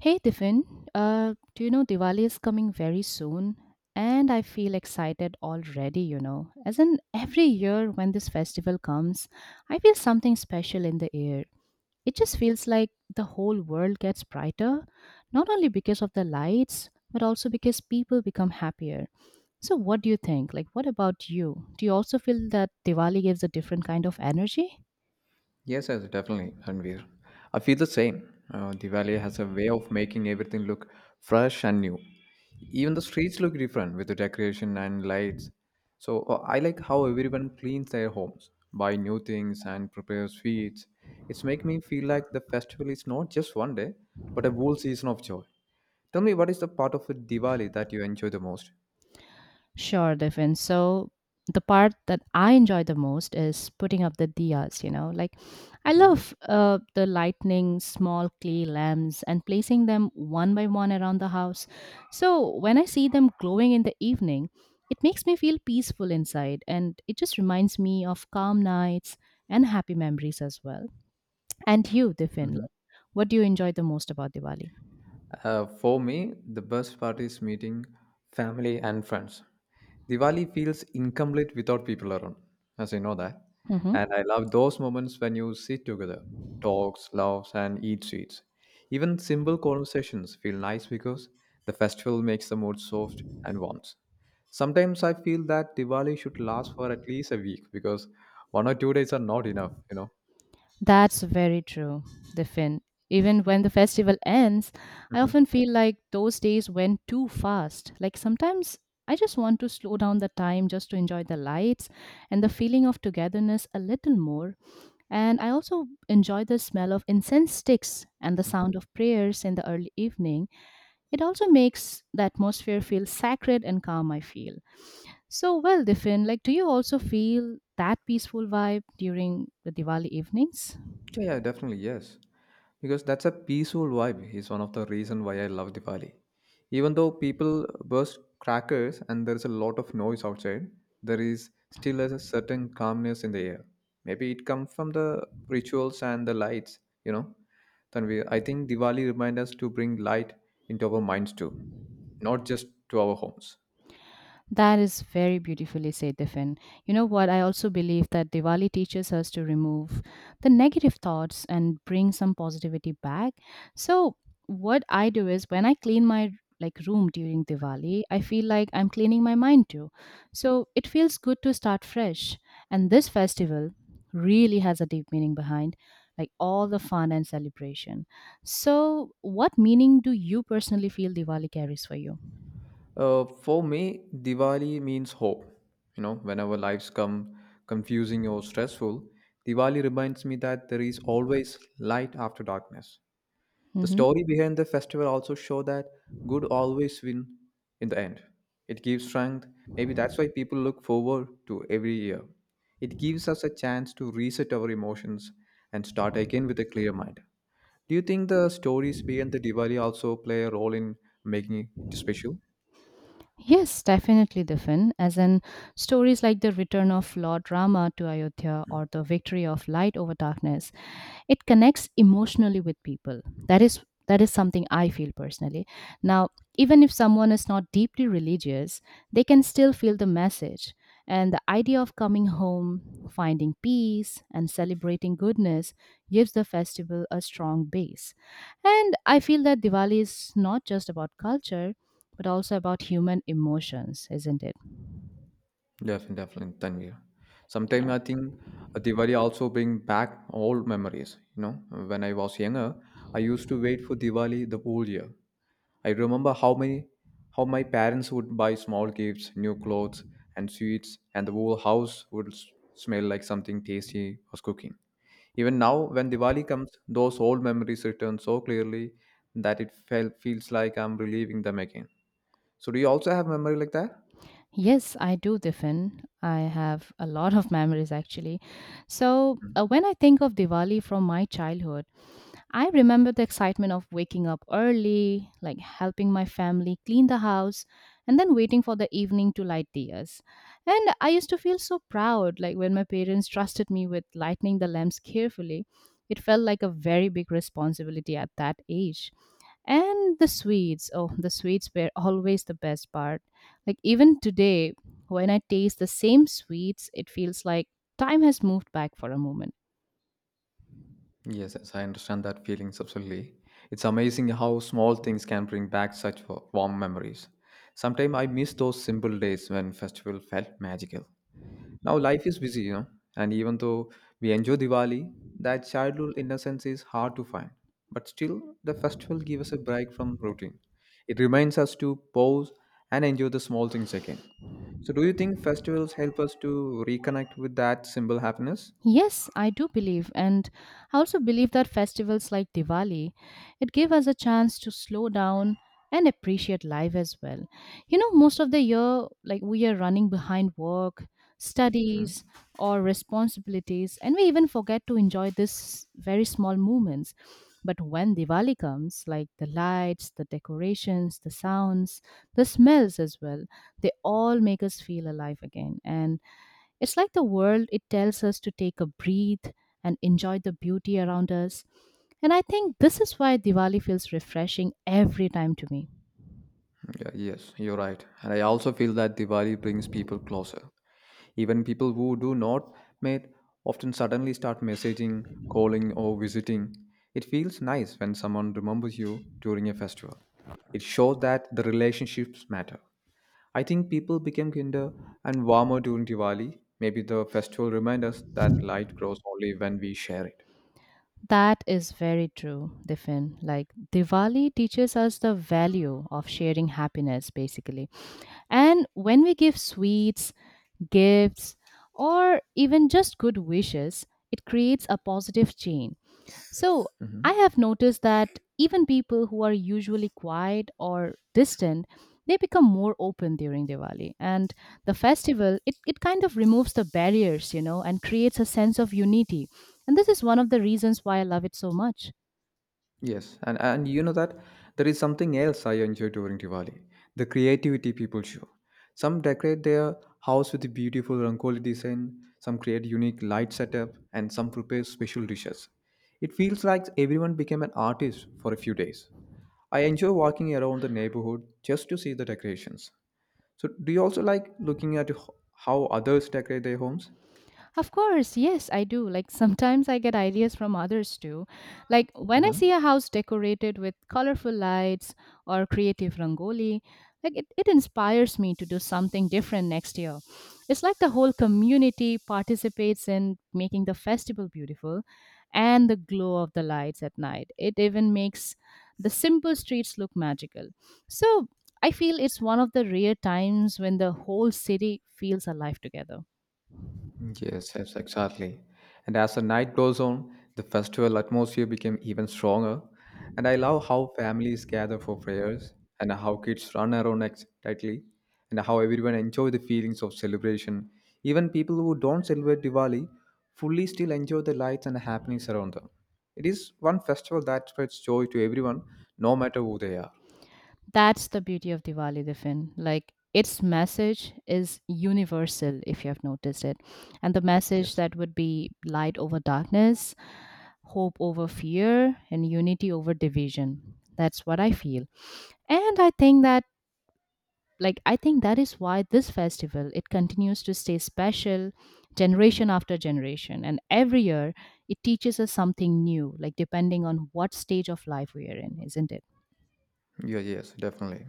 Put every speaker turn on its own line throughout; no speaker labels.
Hey Tiffin, do you know Diwali is coming very soon? And I feel excited already, you know. As in, every year when this festival comes, I feel something special in the air. It just feels like the whole world gets brighter, not only because of the lights, but also because people become happier. So, what do you think? Like, what about you? Do you also feel that Diwali gives a different kind of energy?
Yes, yes, definitely, Ranveer. I feel the same. Diwali has a way of making everything look fresh and new. Even the streets look different with the decoration and lights. So I like how everyone cleans their homes, buy new things, and prepares sweets. It's make me feel like the festival is not just one day, but a whole season of joy. Tell me, what is the part of Diwali that you enjoy the most?
Sure, Devin. So the part that I enjoy the most is putting up the diyas, you know. Like I love the lightning, small clay lamps and placing them one by one around the house. So when I see them glowing in the evening, it makes me feel peaceful inside, and it just reminds me of calm nights and happy memories as well. And you, Devin,
Hmm.
what do you enjoy the most about Diwali?
For me, the best part is meeting family and friends. Diwali feels incomplete without people around, as I know that.
Mm-hmm.
And I love those moments when you sit together, talks, laughs, and eat sweets. Even simple conversations feel nice because the festival makes the mood soft and warm. Sometimes I feel that Diwali should last for at least a week because 1 or 2 days are not enough.
That's very true, Diffin. Even when the festival ends, I often feel like those days went too fast. Like sometimes I just want to slow down the time just to enjoy the lights and the feeling of togetherness a little more. And I also enjoy the smell of incense sticks and the
Mhm.
sound of prayers in the early evening. It also makes the atmosphere feel sacred and calm, I feel. So, well, Diffin, like, do you also feel that peaceful vibe during the Diwali evenings?
Yeah, yeah, definitely, yes. Because that's a peaceful vibe is one of the reason why I love Diwali. Even though people burst crackers and there's a lot of noise outside, there is still a certain calmness in the air. Maybe it comes from the rituals and the lights, you know. Then I think Diwali reminds us to bring light into our minds too, not just to our homes.
That is very beautifully said, Diffin. You know what? I also believe that Diwali teaches us to remove the negative thoughts and bring some positivity back. So, what I do is when I clean my like room during Diwali, I feel like I'm cleaning my mind too. So, it feels good to start fresh. And this festival really has a deep meaning behind like all the fun and celebration. So, what meaning do you personally feel Diwali carries for you?
For me, Diwali means hope. Whenever lives come confusing or stressful, Diwali reminds me that there is always light after darkness. The
Mhm.
story behind the festival also show that good always win in the end. It gives strength. Maybe that's why people look forward to every year. It gives us a chance to reset our emotions and start again with a clear mind. Do you think the stories behind the Diwali also play a role in making it special?
Yes, definitely, Diffin. As in stories like the return of Lord Rama to Ayodhya
Hmm.
or the victory of light over darkness, it connects emotionally with people. That is something I feel personally. Now, even if someone is not deeply religious, they can still feel the message. And the idea of coming home, finding peace, and celebrating goodness gives the festival a strong base. And I feel that Diwali is not just about culture, but also about human emotions, isn't it?
Definitely, definitely, Tanvir. Sometimes
Yeah.
I think Diwali also bring back old memories. When I was younger, I used to wait for Diwali the whole year. I remember how my parents would buy small gifts, new clothes and sweets, and the whole house would smell like something tasty was cooking. Even now, when Diwali comes, those old memories return so clearly that it felt feels like I'm reliving them again. So, do you also have memory like that?
Yes, I do, Diffin. I have a lot of memories actually. So, when I think of Diwali from my childhood, I remember the excitement of waking up early, like helping my family clean the house, and then waiting for the evening to light diyas. And I used to feel so proud, like when my parents trusted me with lighting the lamps carefully. It felt like a very big responsibility at that age. And the sweets, oh, the sweets were always the best part, like even today, when I taste the same sweets, it feels like time has moved back for a moment.
Yes, yes, I understand that feeling absolutely. It's amazing how small things can bring back such warm memories. Sometimes I miss those simple days when festival felt magical. Now life is busy, and even though we enjoy Diwali, that childhood innocence is hard to find. But still, the festival gives us a break from routine. It reminds us to pause and enjoy the small things again. So, do you think festivals help us to reconnect with that simple happiness?
Yes, I do believe, and I also believe that festivals like Diwali, it give us a chance to slow down and appreciate life as well. You know, most of the year, like we are running behind work, studies,
Mhm.
or responsibilities, and we even forget to enjoy these very small moments. But when Diwali comes, like the lights, the decorations, the sounds, the smells as well, they all make us feel alive again. And it's like the world, it tells us to take a breath and enjoy the beauty around us. And I think this is why Diwali feels refreshing every time to me.
Yeah, yes, you're right. And I also feel that Diwali brings people closer. Even people who do not meet often suddenly start messaging, calling, or visiting. It feels nice when someone remembers you during a festival. It shows that the relationships matter. I think people become kinder and warmer during Diwali. Maybe the festival reminds us that light grows only when we share it.
That is very true, Diffin. Like Diwali teaches us the value of sharing happiness, basically. And when we give sweets, gifts, or even just good wishes, it creates a positive chain. So I
Mhm.
have noticed that even people who are usually quiet or distant, they become more open during Diwali. And the festival, it kind of removes the barriers, you know, and creates a sense of unity. And this is one of the reasons why I love it so much.
Yes, and you know that there is something else I enjoy during Diwali, the creativity people show. Some decorate their house with beautiful Rangoli design, some create unique light setup, and some prepare special dishes. It feels like everyone became an artist for a few days. I enjoy walking around the neighborhood just to see the decorations. So, do you also like looking at how others decorate their homes?
Of course, yes, I do. Like sometimes I get ideas from others too. Like when I see a house decorated with colorful lights or creative rangoli, like it inspires me to do something different next year. It's like the whole community participates in making the festival beautiful, and the glow of the lights at night, it even makes the simple streets look magical. So I feel it's one of the rare times when the whole city feels alive together.
Yes, yes, exactly. And as the night goes on, the festival atmosphere became even stronger. And I love how families gather for prayers and how kids run around excitedly and how everyone enjoy the feelings of celebration. Even people who don't celebrate Diwali fully still enjoy the lights and happenings around them. It is one festival that spreads joy to everyone, no matter who they are.
That's the beauty of Diwali, Diffin. Like its message is universal, if you have noticed it. And the message
Yes.
that would be light over darkness, hope over fear, and unity over division. That's what I feel. And I think that is why this festival, it continues to stay special generation after generation, and every year it teaches us something new, like depending on what stage of life we are in, isn't it?
Yeah, yes, definitely.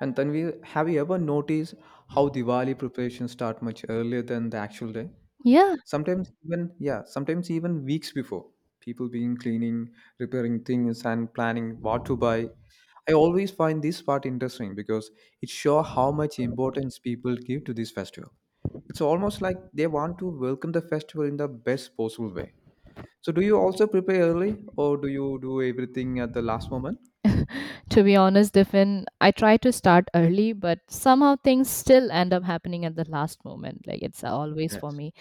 And then we have you ever noticed how Diwali preparations start much earlier than the actual day?
Yeah.
Sometimes even Yeah, sometimes even weeks before. People being cleaning, repairing things and planning what to buy. I always find this part interesting because it shows how much importance people give to this festival. It's almost like they want to welcome the festival in the best possible way. So do you also prepare early or do you do everything at the last moment?
To be honest, Diffin, I try to start early, but somehow things still end up happening at the last moment. Like it's always for
Yes.
me.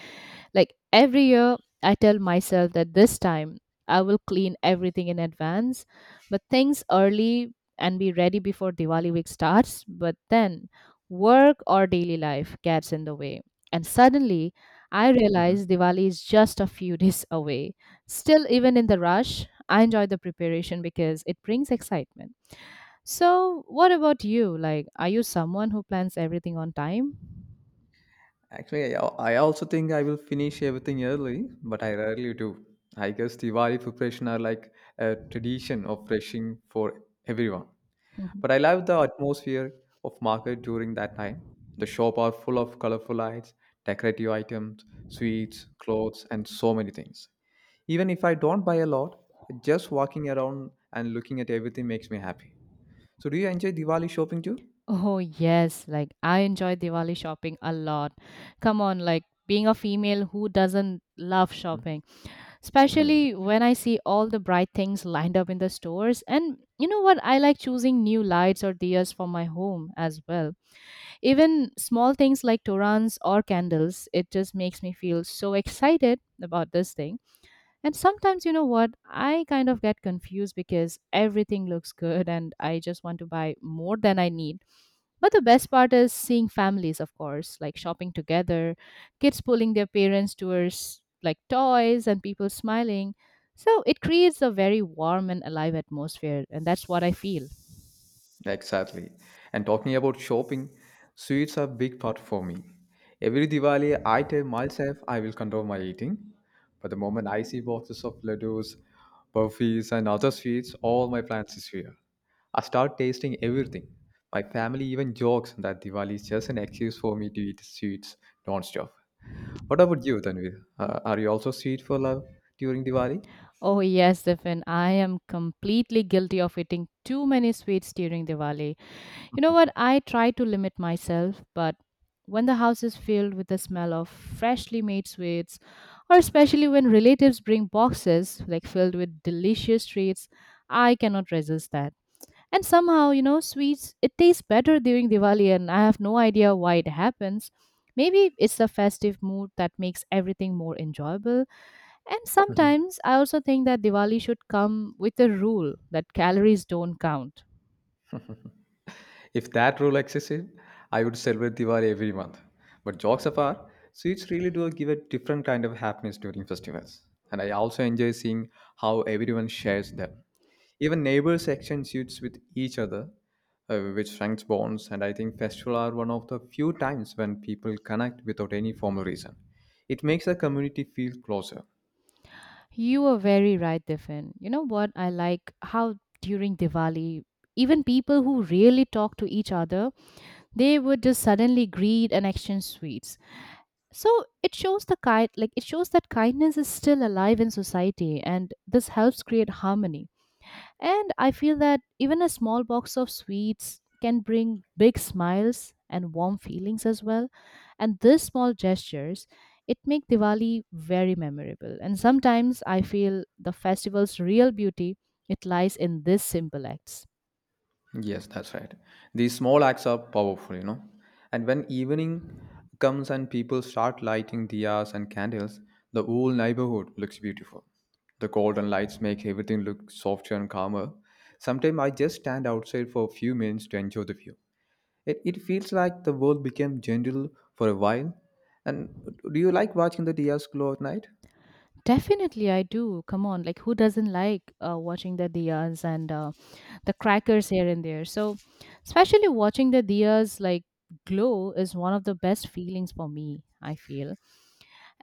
Like every year, I tell myself that this time I will clean everything in advance, but things early and be ready before Diwali week starts. But then work or daily life gets in the way. And suddenly, I realize Diwali is just a few days away. Still, even in the rush, I enjoy the preparation because it brings excitement. So, what about you? Like, are you someone who plans everything on time?
Actually, I also think I will finish everything early, but I rarely do. I guess Diwali preparation are like a tradition of refreshing for everyone.
Mhm.
But I love the atmosphere of market during that time. The shop are full of colorful lights, decorative items, sweets, clothes, and so many things. Even if I don't buy a lot, just walking around and looking at everything makes me happy. So, do you enjoy Diwali shopping too?
Oh, yes. Like, I enjoy Diwali shopping a lot. Come on, like, being a female who doesn't love shopping,
Mm.
especially
Yeah.
when I see all the bright things lined up in the stores. And you know what? I like choosing new lights or diyas for my home as well. Even small things like torans or candles, it just makes me feel so excited about this thing. And sometimes, you know what, I kind of get confused because everything looks good and I just want to buy more than I need. But the best part is seeing families, of course, like shopping together, kids pulling their parents towards like toys, and people smiling. So it creates a very warm and alive atmosphere, and that's what I feel.
Exactly. And talking about shopping, sweets are a big part for me. Every Diwali, I tell myself I will control my eating. But the moment I see boxes of ladoos, burfis, and other sweets, all my plans disappear. I start tasting everything. My family even jokes that Diwali is just an excuse for me to eat sweets non-stop. What about you, Tanvir? Are you also sweet for love during Diwali?
Oh, yes, Stefan, I am completely guilty of eating too many sweets during Diwali. You know what? I try to limit myself, but when the house is filled with the smell of freshly made sweets, or especially when relatives bring boxes like filled with delicious treats, I cannot resist that. And somehow, you know, sweets it tastes better during Diwali and I have no idea why it happens. Maybe it's the festive mood that makes everything more enjoyable. And sometimes I also think that Diwali should come with a rule that calories don't count.
If that rule existed, I would celebrate Diwali every month. But jokes apart, sweets really do give a different kind of happiness during festivals. And I also enjoy seeing how everyone shares them. Even neighbors exchange sweets with each other, which strengthens bonds. And I think festivals are one of the few times when people connect without any formal reason. It makes the community feel closer.
You are very right, Diffin. You know what? I like how during Diwali, even people who really talk to each other, they would just suddenly greet and exchange sweets. So it shows the kind, like it shows that kindness is still alive in society, and this helps create harmony. And I feel that even a small box of sweets can bring big smiles and warm feelings as well. And these small gestures, it make Diwali very memorable. And sometimes I feel the festival's real beauty, it lies in these simple acts.
Yes, that's right. These small acts are powerful. And when evening comes and people start lighting diyas and candles, the whole neighborhood looks beautiful. The golden lights make everything look softer and calmer. Sometimes I just stand outside for a few minutes to enjoy the view. It feels like the world became gentle for a while. And do you like watching the diyas glow at night?
Definitely, I do. Come on, like who doesn't like watching the diyas and the crackers here and there? So, especially watching the diyas like glow is one of the best feelings for me, I feel.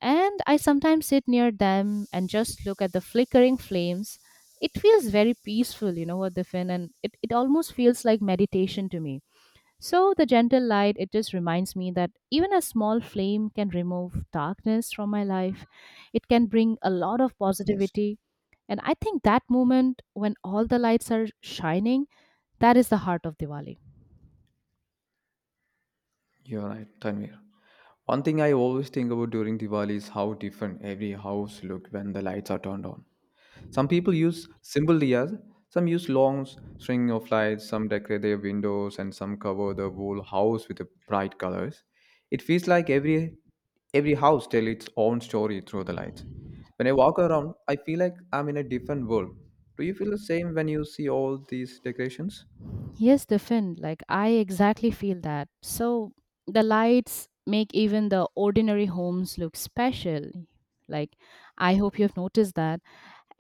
And I sometimes sit near them and just look at the flickering flames. It feels very peaceful, you know what, Diffin, and it almost feels like meditation to me. So the gentle light, it just reminds me that even a small flame can remove darkness from my life. It can bring a lot of
Yes,
positivity. And I think that moment when all the lights are shining, that is the heart of Diwali.
you're right, Tanvir. One thing I always think about during Diwali is how different every house looks when the lights are turned on. Some people use simple diyas, some use long string of lights, some decorate their windows, and some cover the whole house with the bright colors. It feels like every house tells its own story through the lights. When I walk around, I feel like I'm in a different world. Do you feel the same when you see all these decorations?
Yes, the like I exactly feel that. So the lights make even the ordinary homes look special. Like I hope you have noticed that.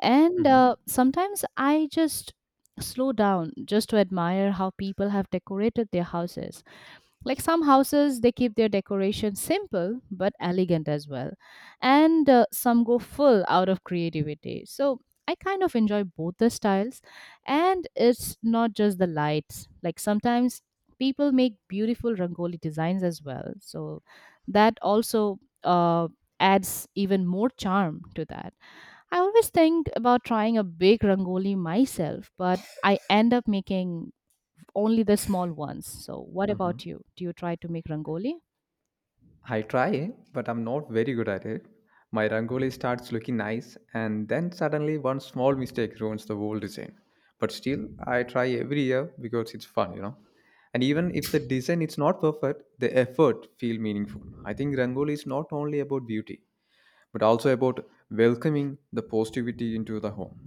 And
Mm-hmm.
sometimes I just slow down just to admire how people have decorated their houses. Like some houses, they keep their decoration simple but elegant as well. And some go full out of creativity. So I kind of enjoy both the styles. And it's not just the lights. Like sometimes people make beautiful rangoli designs as well. So that also adds even more charm to that. I always think about trying a big rangoli myself, but I end up making only the small ones. So, what
Mm-hmm.
about you? Do you try to make rangoli?
I try, but I'm not very good at it. My rangoli starts looking nice, and then suddenly one small mistake ruins the whole design. But still, I try every year because it's fun. And even if the design is not perfect, the effort feel meaningful. I think rangoli is not only about beauty, but also about welcoming the positivity into the home.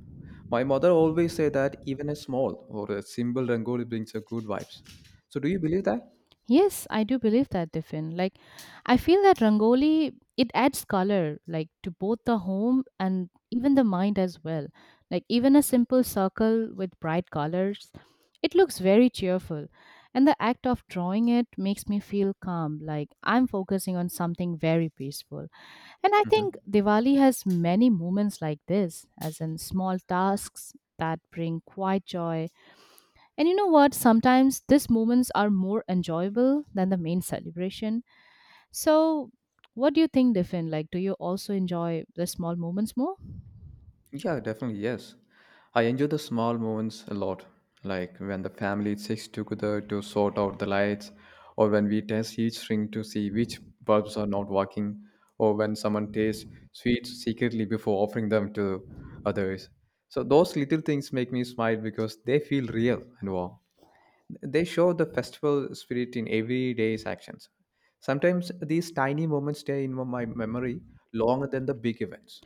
My mother always say that even a small or a simple rangoli brings a good vibes. So do you believe that?
Yes, I do believe that, Diffin. Like, I feel that rangoli it adds color, like to both the home and even the mind as well. Like even a simple circle with bright colors, it looks very cheerful. And the act of drawing it makes me feel calm, like I'm focusing on something very peaceful. And I think
Mhm.
Diwali has many moments like this, as in small tasks that bring quiet joy. And you know what? Sometimes these moments are more enjoyable than the main celebration. So, what do you think, Diffin? Like, do you also enjoy the small moments more?
Yeah, definitely, yes. I enjoy the small moments a lot, like when the family sits together to sort out the lights, or when we test each string to see which bulbs are not working, or when someone tastes sweets secretly before offering them to others. So those little things make me smile because they feel real and warm. They show the festival spirit in everyday's actions. Sometimes these tiny moments stay in my memory longer than the big events.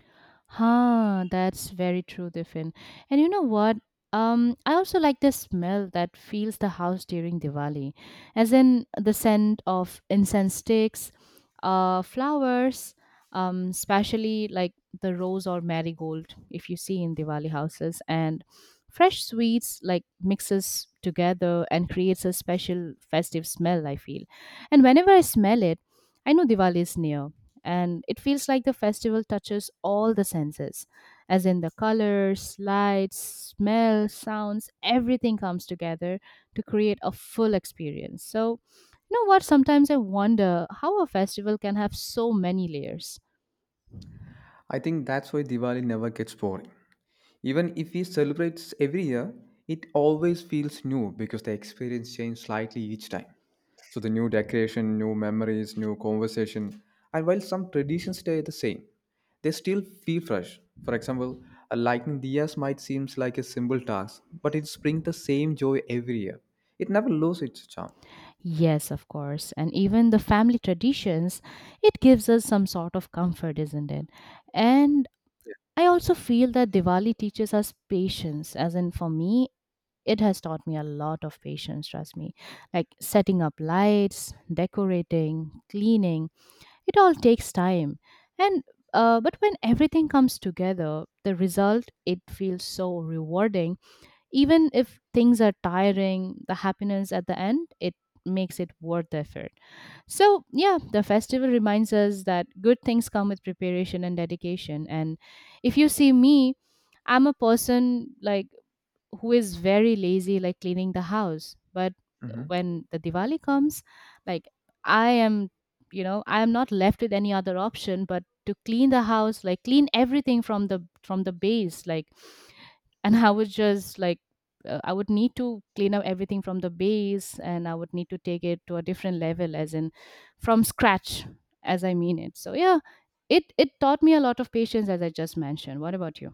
Huh, that's very true, Diffin. And you know what? I also like the smell that fills the house during Diwali, as in the scent of incense sticks, flowers, especially like the rose or marigold, if you see in Diwali houses, and fresh sweets like mixes together and creates a special festive smell, I feel. And whenever I smell it, I know Diwali is near, and it feels like the festival touches all the senses, as in the colors, lights, smell, sounds, everything comes together to create a full experience. So you know what, sometimes I wonder how a festival can have so many layers.
I think that's why Diwali never gets boring. Even if we celebrate every year, it always feels new because the experience changes slightly each time. So the new decoration, new memories, new conversation, and while some traditions stay the same, they still feel fresh. For example, a lighting diyas might seem like a simple task, but it brings the same joy every year. It never loses its charm.
Yes, of course, and even the family traditions, it gives us some sort of comfort, isn't it? And I also feel that Diwali teaches us patience, as in for me, it has taught me a lot of patience, trust me. Like setting up lights, decorating, cleaning, it all takes time. And but when everything comes together, the result, it feels so rewarding. Even if things are tiring, the happiness at the end, it makes it worth the effort. So yeah, the festival reminds us that good things come with preparation and dedication. And if you see me, I'm a person like who is very lazy like cleaning the house, but
Mhm.
when the Diwali comes, like I am, you know, I am not left with any other option but to clean the house, like clean everything from the base, like and I would just like, I would need to clean up everything from the base, and I would need to take it to a different level, as in from scratch, as I mean it. So yeah, it taught me a lot of patience, as I just mentioned. What about you?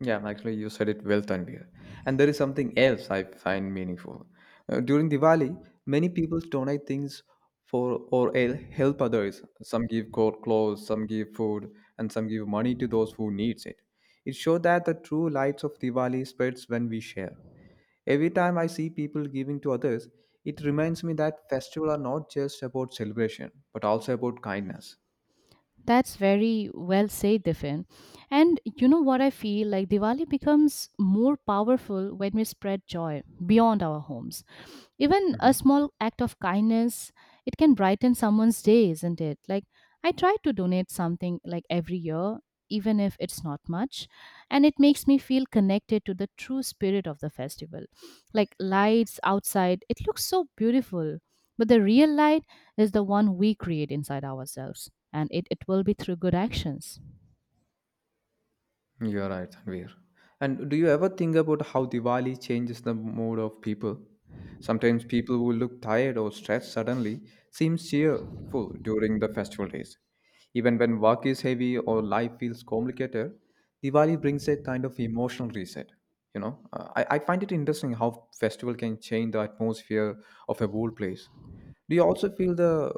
Yeah, actually, you said it well, Tanvir. And there is something else I find meaningful. During Diwali, many people donate things for or help others. Some give clothes, some give food, and some give money to those who needs it. It shows that the true lights of Diwali spreads when we share. Every time I see people giving to others, it reminds me that festivals are not just about celebration, but also about kindness.
That's very well said, Diffin. And you know what, I feel like Diwali becomes more powerful when we spread joy beyond our homes. Even a
Mhm.
small act of kindness, it can brighten someone's day, isn't it? Like I try to donate something like every year, even if it's not much, and it makes me feel connected to the true spirit of the festival. Like lights outside, it looks so beautiful, but the real light is the one we create inside ourselves, and it will be through good actions.
You are right, Tanvir. And do you ever think about how Diwali changes the mood of people? Sometimes people who look tired or stressed suddenly seem cheerful during the festival days. Even when work is heavy or life feels complicated, Diwali brings a kind of emotional reset. I find it interesting how festival can change the atmosphere of a whole place. Do you also feel the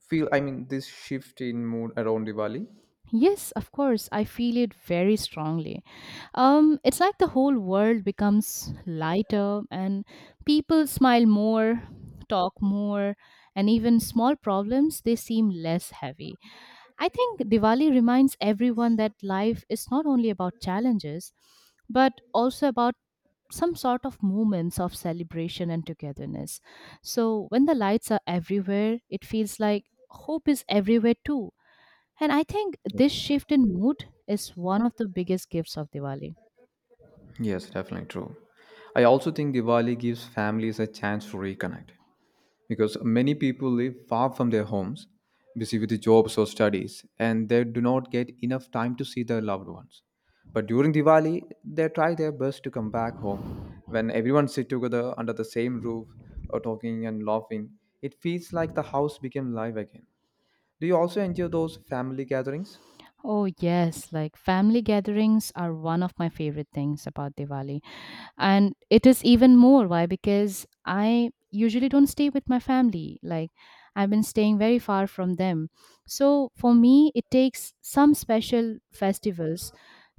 feel? I mean, this shift in mood around Diwali?
Yes, of course. I feel it very strongly. It's like the whole world becomes lighter, and people smile more, talk more, and even small problems, they seem less heavy. I think Diwali reminds everyone that life is not only about challenges, but also about some sort of moments of celebration and togetherness. So when the lights are everywhere, it feels like hope is everywhere too, and I think this shift in mood is one of the biggest gifts of Diwali.
Yes, definitely true. I also think Diwali gives families a chance to reconnect because many people live far from their homes, busy with jobs or studies, and they do not get enough time to see their loved ones. But during Diwali, they try their best to come back home. When everyone sits together under the same roof or talking and laughing, it feels like the house became live again. Do you also enjoy those family gatherings?
Oh, yes, like family gatherings are one of my favorite things about Diwali. And it is even more. Why? Because I usually don't stay with my family. Like, I've been staying very far from them. So, for me, it takes some special festivals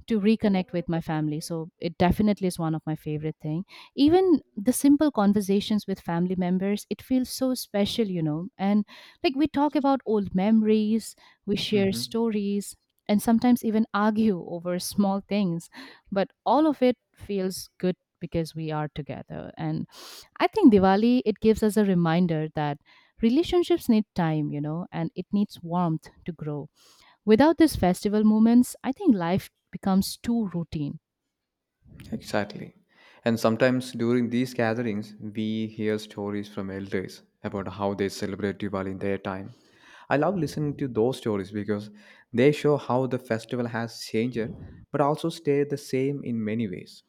to reconnect with my family. So it definitely is one of my favorite thing. Even the simple conversations with family members, it feels so special, you know. And like we talk about old memories, we share
Hmm.
stories, and sometimes even argue over small things, but all of it feels good because we are together. And I think Diwali, it gives us a reminder that relationships need time, you know, and it needs warmth to grow. Without these festival moments, I think life becomes too routine.
Exactly. And sometimes during these gatherings, we hear stories from elders about how they celebrate Diwali in their time. I love listening to those stories because they show how the festival has changed but also stayed the same in many ways.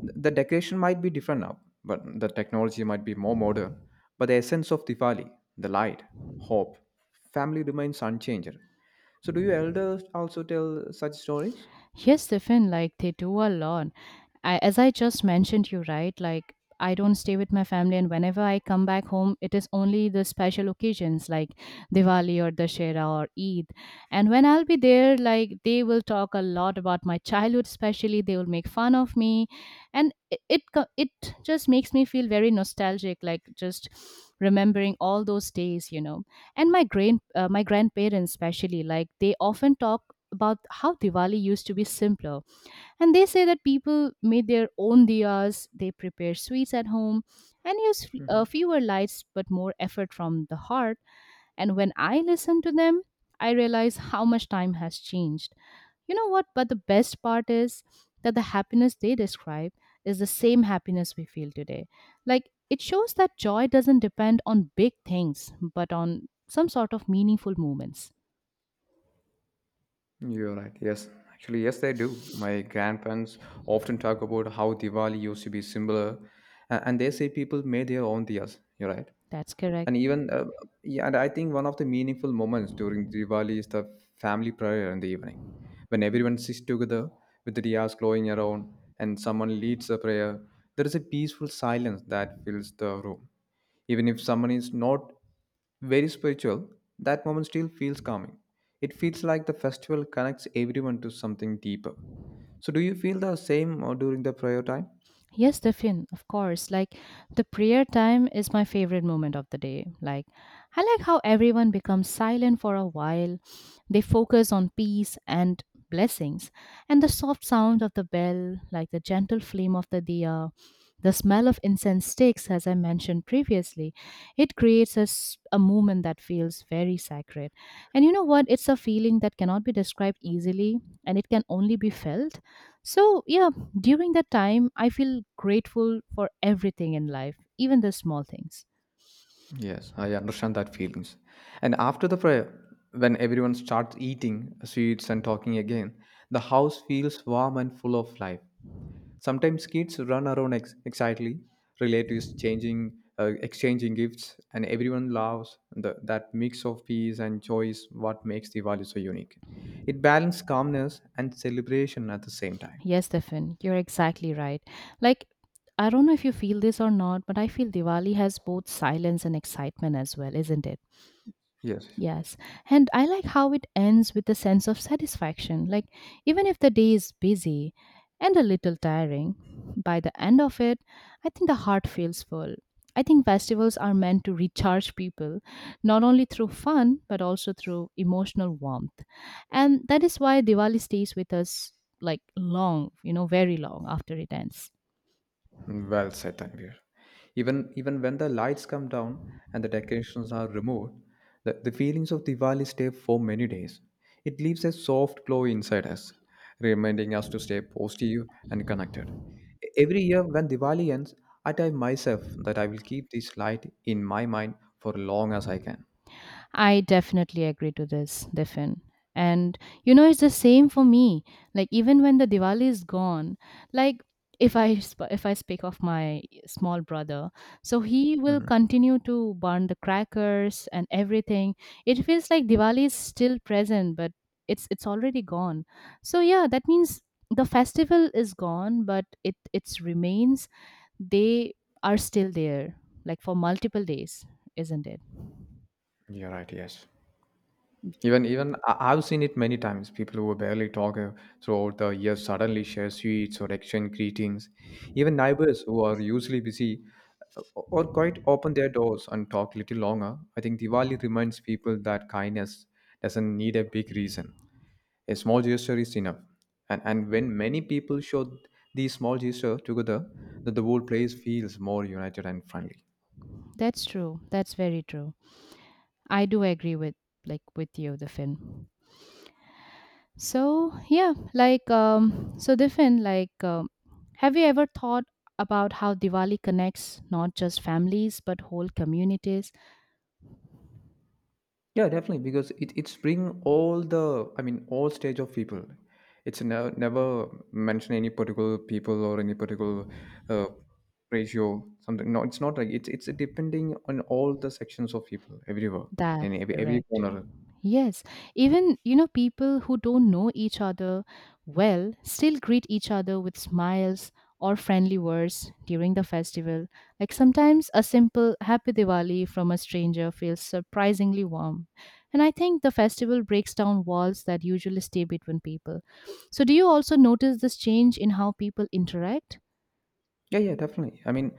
The decoration might be different now, but the technology might be more modern, but the essence of Diwali, the light, hope, family remains unchanged. So do you elders also tell such stories?
Yes, Stefan, like they do a lot. I, as I just mentioned, you right, like I don't stay with my family, and whenever I come back home, it is only the special occasions like Diwali or Dashera or Eid. And when I'll be there, like they will talk a lot about my childhood, especially they will make fun of me, and it just makes me feel very nostalgic, like just remembering all those days, you know. And my grandparents especially, like they often talk about how Diwali used to be simpler, and they say that people made their own diyas, they prepare sweets at home, and use
Mhm.
fewer lights but more effort from the heart. And when I listen to them, I realize how much time has changed. You know what? But the best part is that the happiness they describe is the same happiness we feel today. Like it shows that joy doesn't depend on big things, but on some sort of meaningful moments.
You're right. Yes. Actually, yes, they do. My grandparents often talk about how Diwali used to be similar, and they say people made their own diyas. You're right.
That's correct.
And even yeah, and I think one of the meaningful moments during Diwali is the family prayer in the evening, when everyone sits together with the diyas glowing around and someone leads the prayer. There is a peaceful silence that fills the room, even if someone is not very spiritual. That moment still feels calming. It feels like the festival connects everyone to something deeper. So, do you feel the same during the prayer time?
Yes, Tiffin, of course. Like the prayer time is my favorite moment of the day. Like I like how everyone becomes silent for a while. They focus on peace and blessings. And the soft sound of the bell, like the gentle flame of the diya, the smell of incense sticks, as I mentioned previously, it creates a, a moment that feels very sacred. And you know what? It's a feeling that cannot be described easily, and it can only be felt. So, yeah, during that time, I feel grateful for everything in life, even the small things.
Yes, I understand that feelings. And after the prayer, when everyone starts eating sweets and talking again, the house feels warm and full of life. Sometimes kids run around excitedly, relatives exchanging gifts, and everyone loves that mix of peace and joy is what makes Diwali so unique. It balances calmness and celebration at the same time.
Yes, Stefan, you're exactly right. Like, I don't know if you feel this or not, but I feel Diwali has both silence and excitement as well, isn't it?
Yes,
Yes. And I like how it ends with a sense of satisfaction. Like, even if the day is busy and a little tiring, by the end of it, I think the heart feels full. I think festivals are meant to recharge people, not only through fun, but also through emotional warmth. And that is why Diwali stays with us like long, you know, very long after it ends.
well said, Tanvir. Even when the lights come down and the decorations are removed, the feelings of Diwali stay for many days. It leaves a soft glow inside us, reminding us to stay positive and connected. Every year when Diwali ends, I tell myself that I will keep this light in my mind for long as I can.
I definitely agree to this, Diffin. And you know, it's the same for me. Like even when the Diwali is gone, like if I speak of my small brother, so he will
Mhm.
continue to burn the crackers and everything. It feels like Diwali is still present, but it's already gone. So yeah, that means the festival is gone, but it its remains, they are still there, like for multiple days, isn't it?
You're right, yes. Even I've seen it many times. People who barely talk throughout the year suddenly share sweets or exchange greetings. Even neighbors who are usually busy uh, or quite open their doors and talk little longer. I think Diwali reminds people that kindness doesn't need a big reason. A small gesture is enough. And when many people show these small gesture together, that the whole place feels more united and friendly.
That's true. That's very true. I do agree with, like with you, the Finn. So yeah, like so the Finn, like have you ever thought about how Diwali connects not just families but whole communities?
Yeah, definitely, because it's bring all the I mean all stage of people. It's never mention any particular people or any particular uh, ratio something. No, it's not like it's depending on all the sections of people everywhere
That's
in every
correct.
corner.
Yes, even you know, people who don't know each other well still greet each other with smiles or friendly words during the festival. Like sometimes a simple happy Diwali from a stranger feels surprisingly warm. And I think the festival breaks down walls that usually stay between people. So do you also notice this change in how people interact?
Yeah, yeah, definitely. I mean,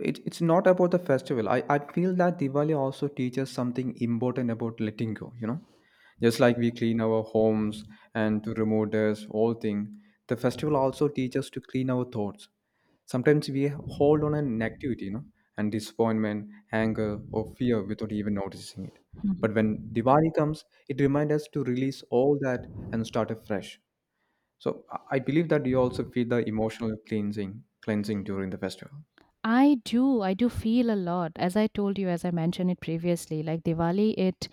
it's not about the festival. I feel that Diwali also teaches something important about letting go, you know? Just like we clean our homes and to remove dust, all thing, the festival also teaches us to clean our thoughts. Sometimes we hold on a negativity, you know, and disappointment, anger, or fear without even noticing it.
Mhm.
But when Diwali comes, it reminds us to release all that and start afresh. So I believe that you also feel the emotional cleansing during the festival.
I do. I do feel a lot. As I told you, as I mentioned it previously, like Diwali, it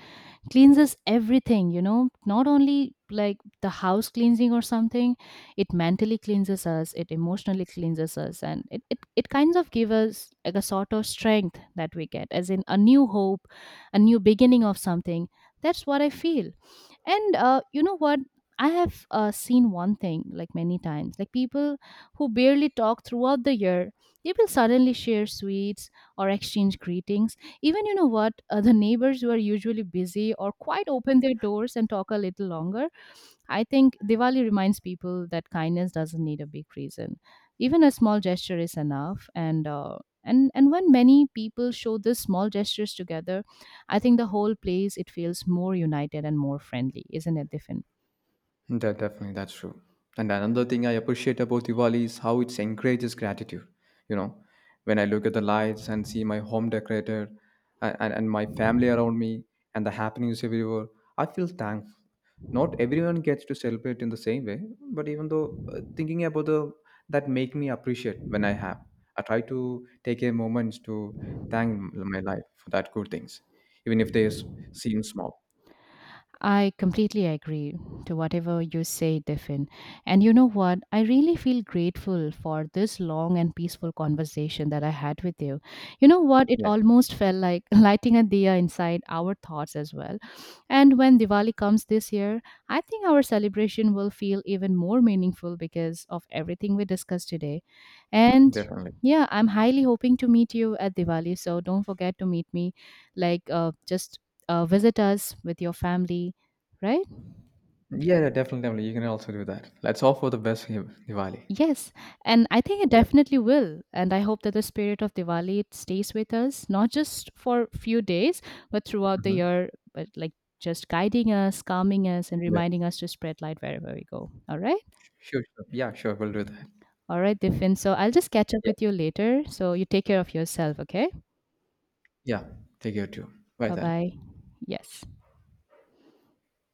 cleanses everything, you know, not only like the house cleansing or something. It mentally cleanses us, it emotionally cleanses us, and it kind of gives us like a sort of strength that we get, as in a new hope, a new beginning of something. That's what I feel. And you know what, I have seen one thing like many times, like people who barely talk throughout the year, they will suddenly share sweets or exchange greetings. Even you know what, the neighbors who are usually busy or quite open their doors and talk a little longer. I think Diwali reminds people that kindness doesn't need a big reason. Even a small gesture is enough. And when many people show these small gestures together, I think the whole place it feels more united and more friendly, isn't it, Diffin?
Definitely, that's true. And another thing I appreciate about Diwali is how it encourages gratitude. You know, when I look at the lights and see my home decorated and, and my family around me and the happenings everywhere, I feel thankful. Not everyone gets to celebrate in the same way, but even though thinking about the that make me appreciate when I have. I try to take a moment to thank my life for that good things, even if they seem small.
I completely agree to whatever you say, Tiffin. And you know what? I really feel grateful for this long and peaceful conversation that I had with you. You know what? It
Yes,
almost felt like lighting a diya inside our thoughts as well. And when Diwali comes this year, I think our celebration will feel even more meaningful because of everything we discussed today. And
definitely.
yeah, I'm highly hoping to meet you at Diwali. So don't forget to meet me, like just visit us with your family, right?
Yeah, yeah, definitely, definitely. You can also do that. Let's all for the best Diwali.
Yes, and I think it
Yeah.
definitely will. And I hope that the spirit of Diwali it stays with us, not just for few days, but throughout the
Hmm.
year, but like just guiding us, calming us, and
Yeah.
reminding us to spread light wherever we go. All right?
Sure, sure. Yeah, sure. We'll do that.
All right, Diffin. So I'll just catch up
Yeah.
with you later. So you take care of yourself, okay?
Yeah. Take care too. Bye
Bye
then.
bye. Yes.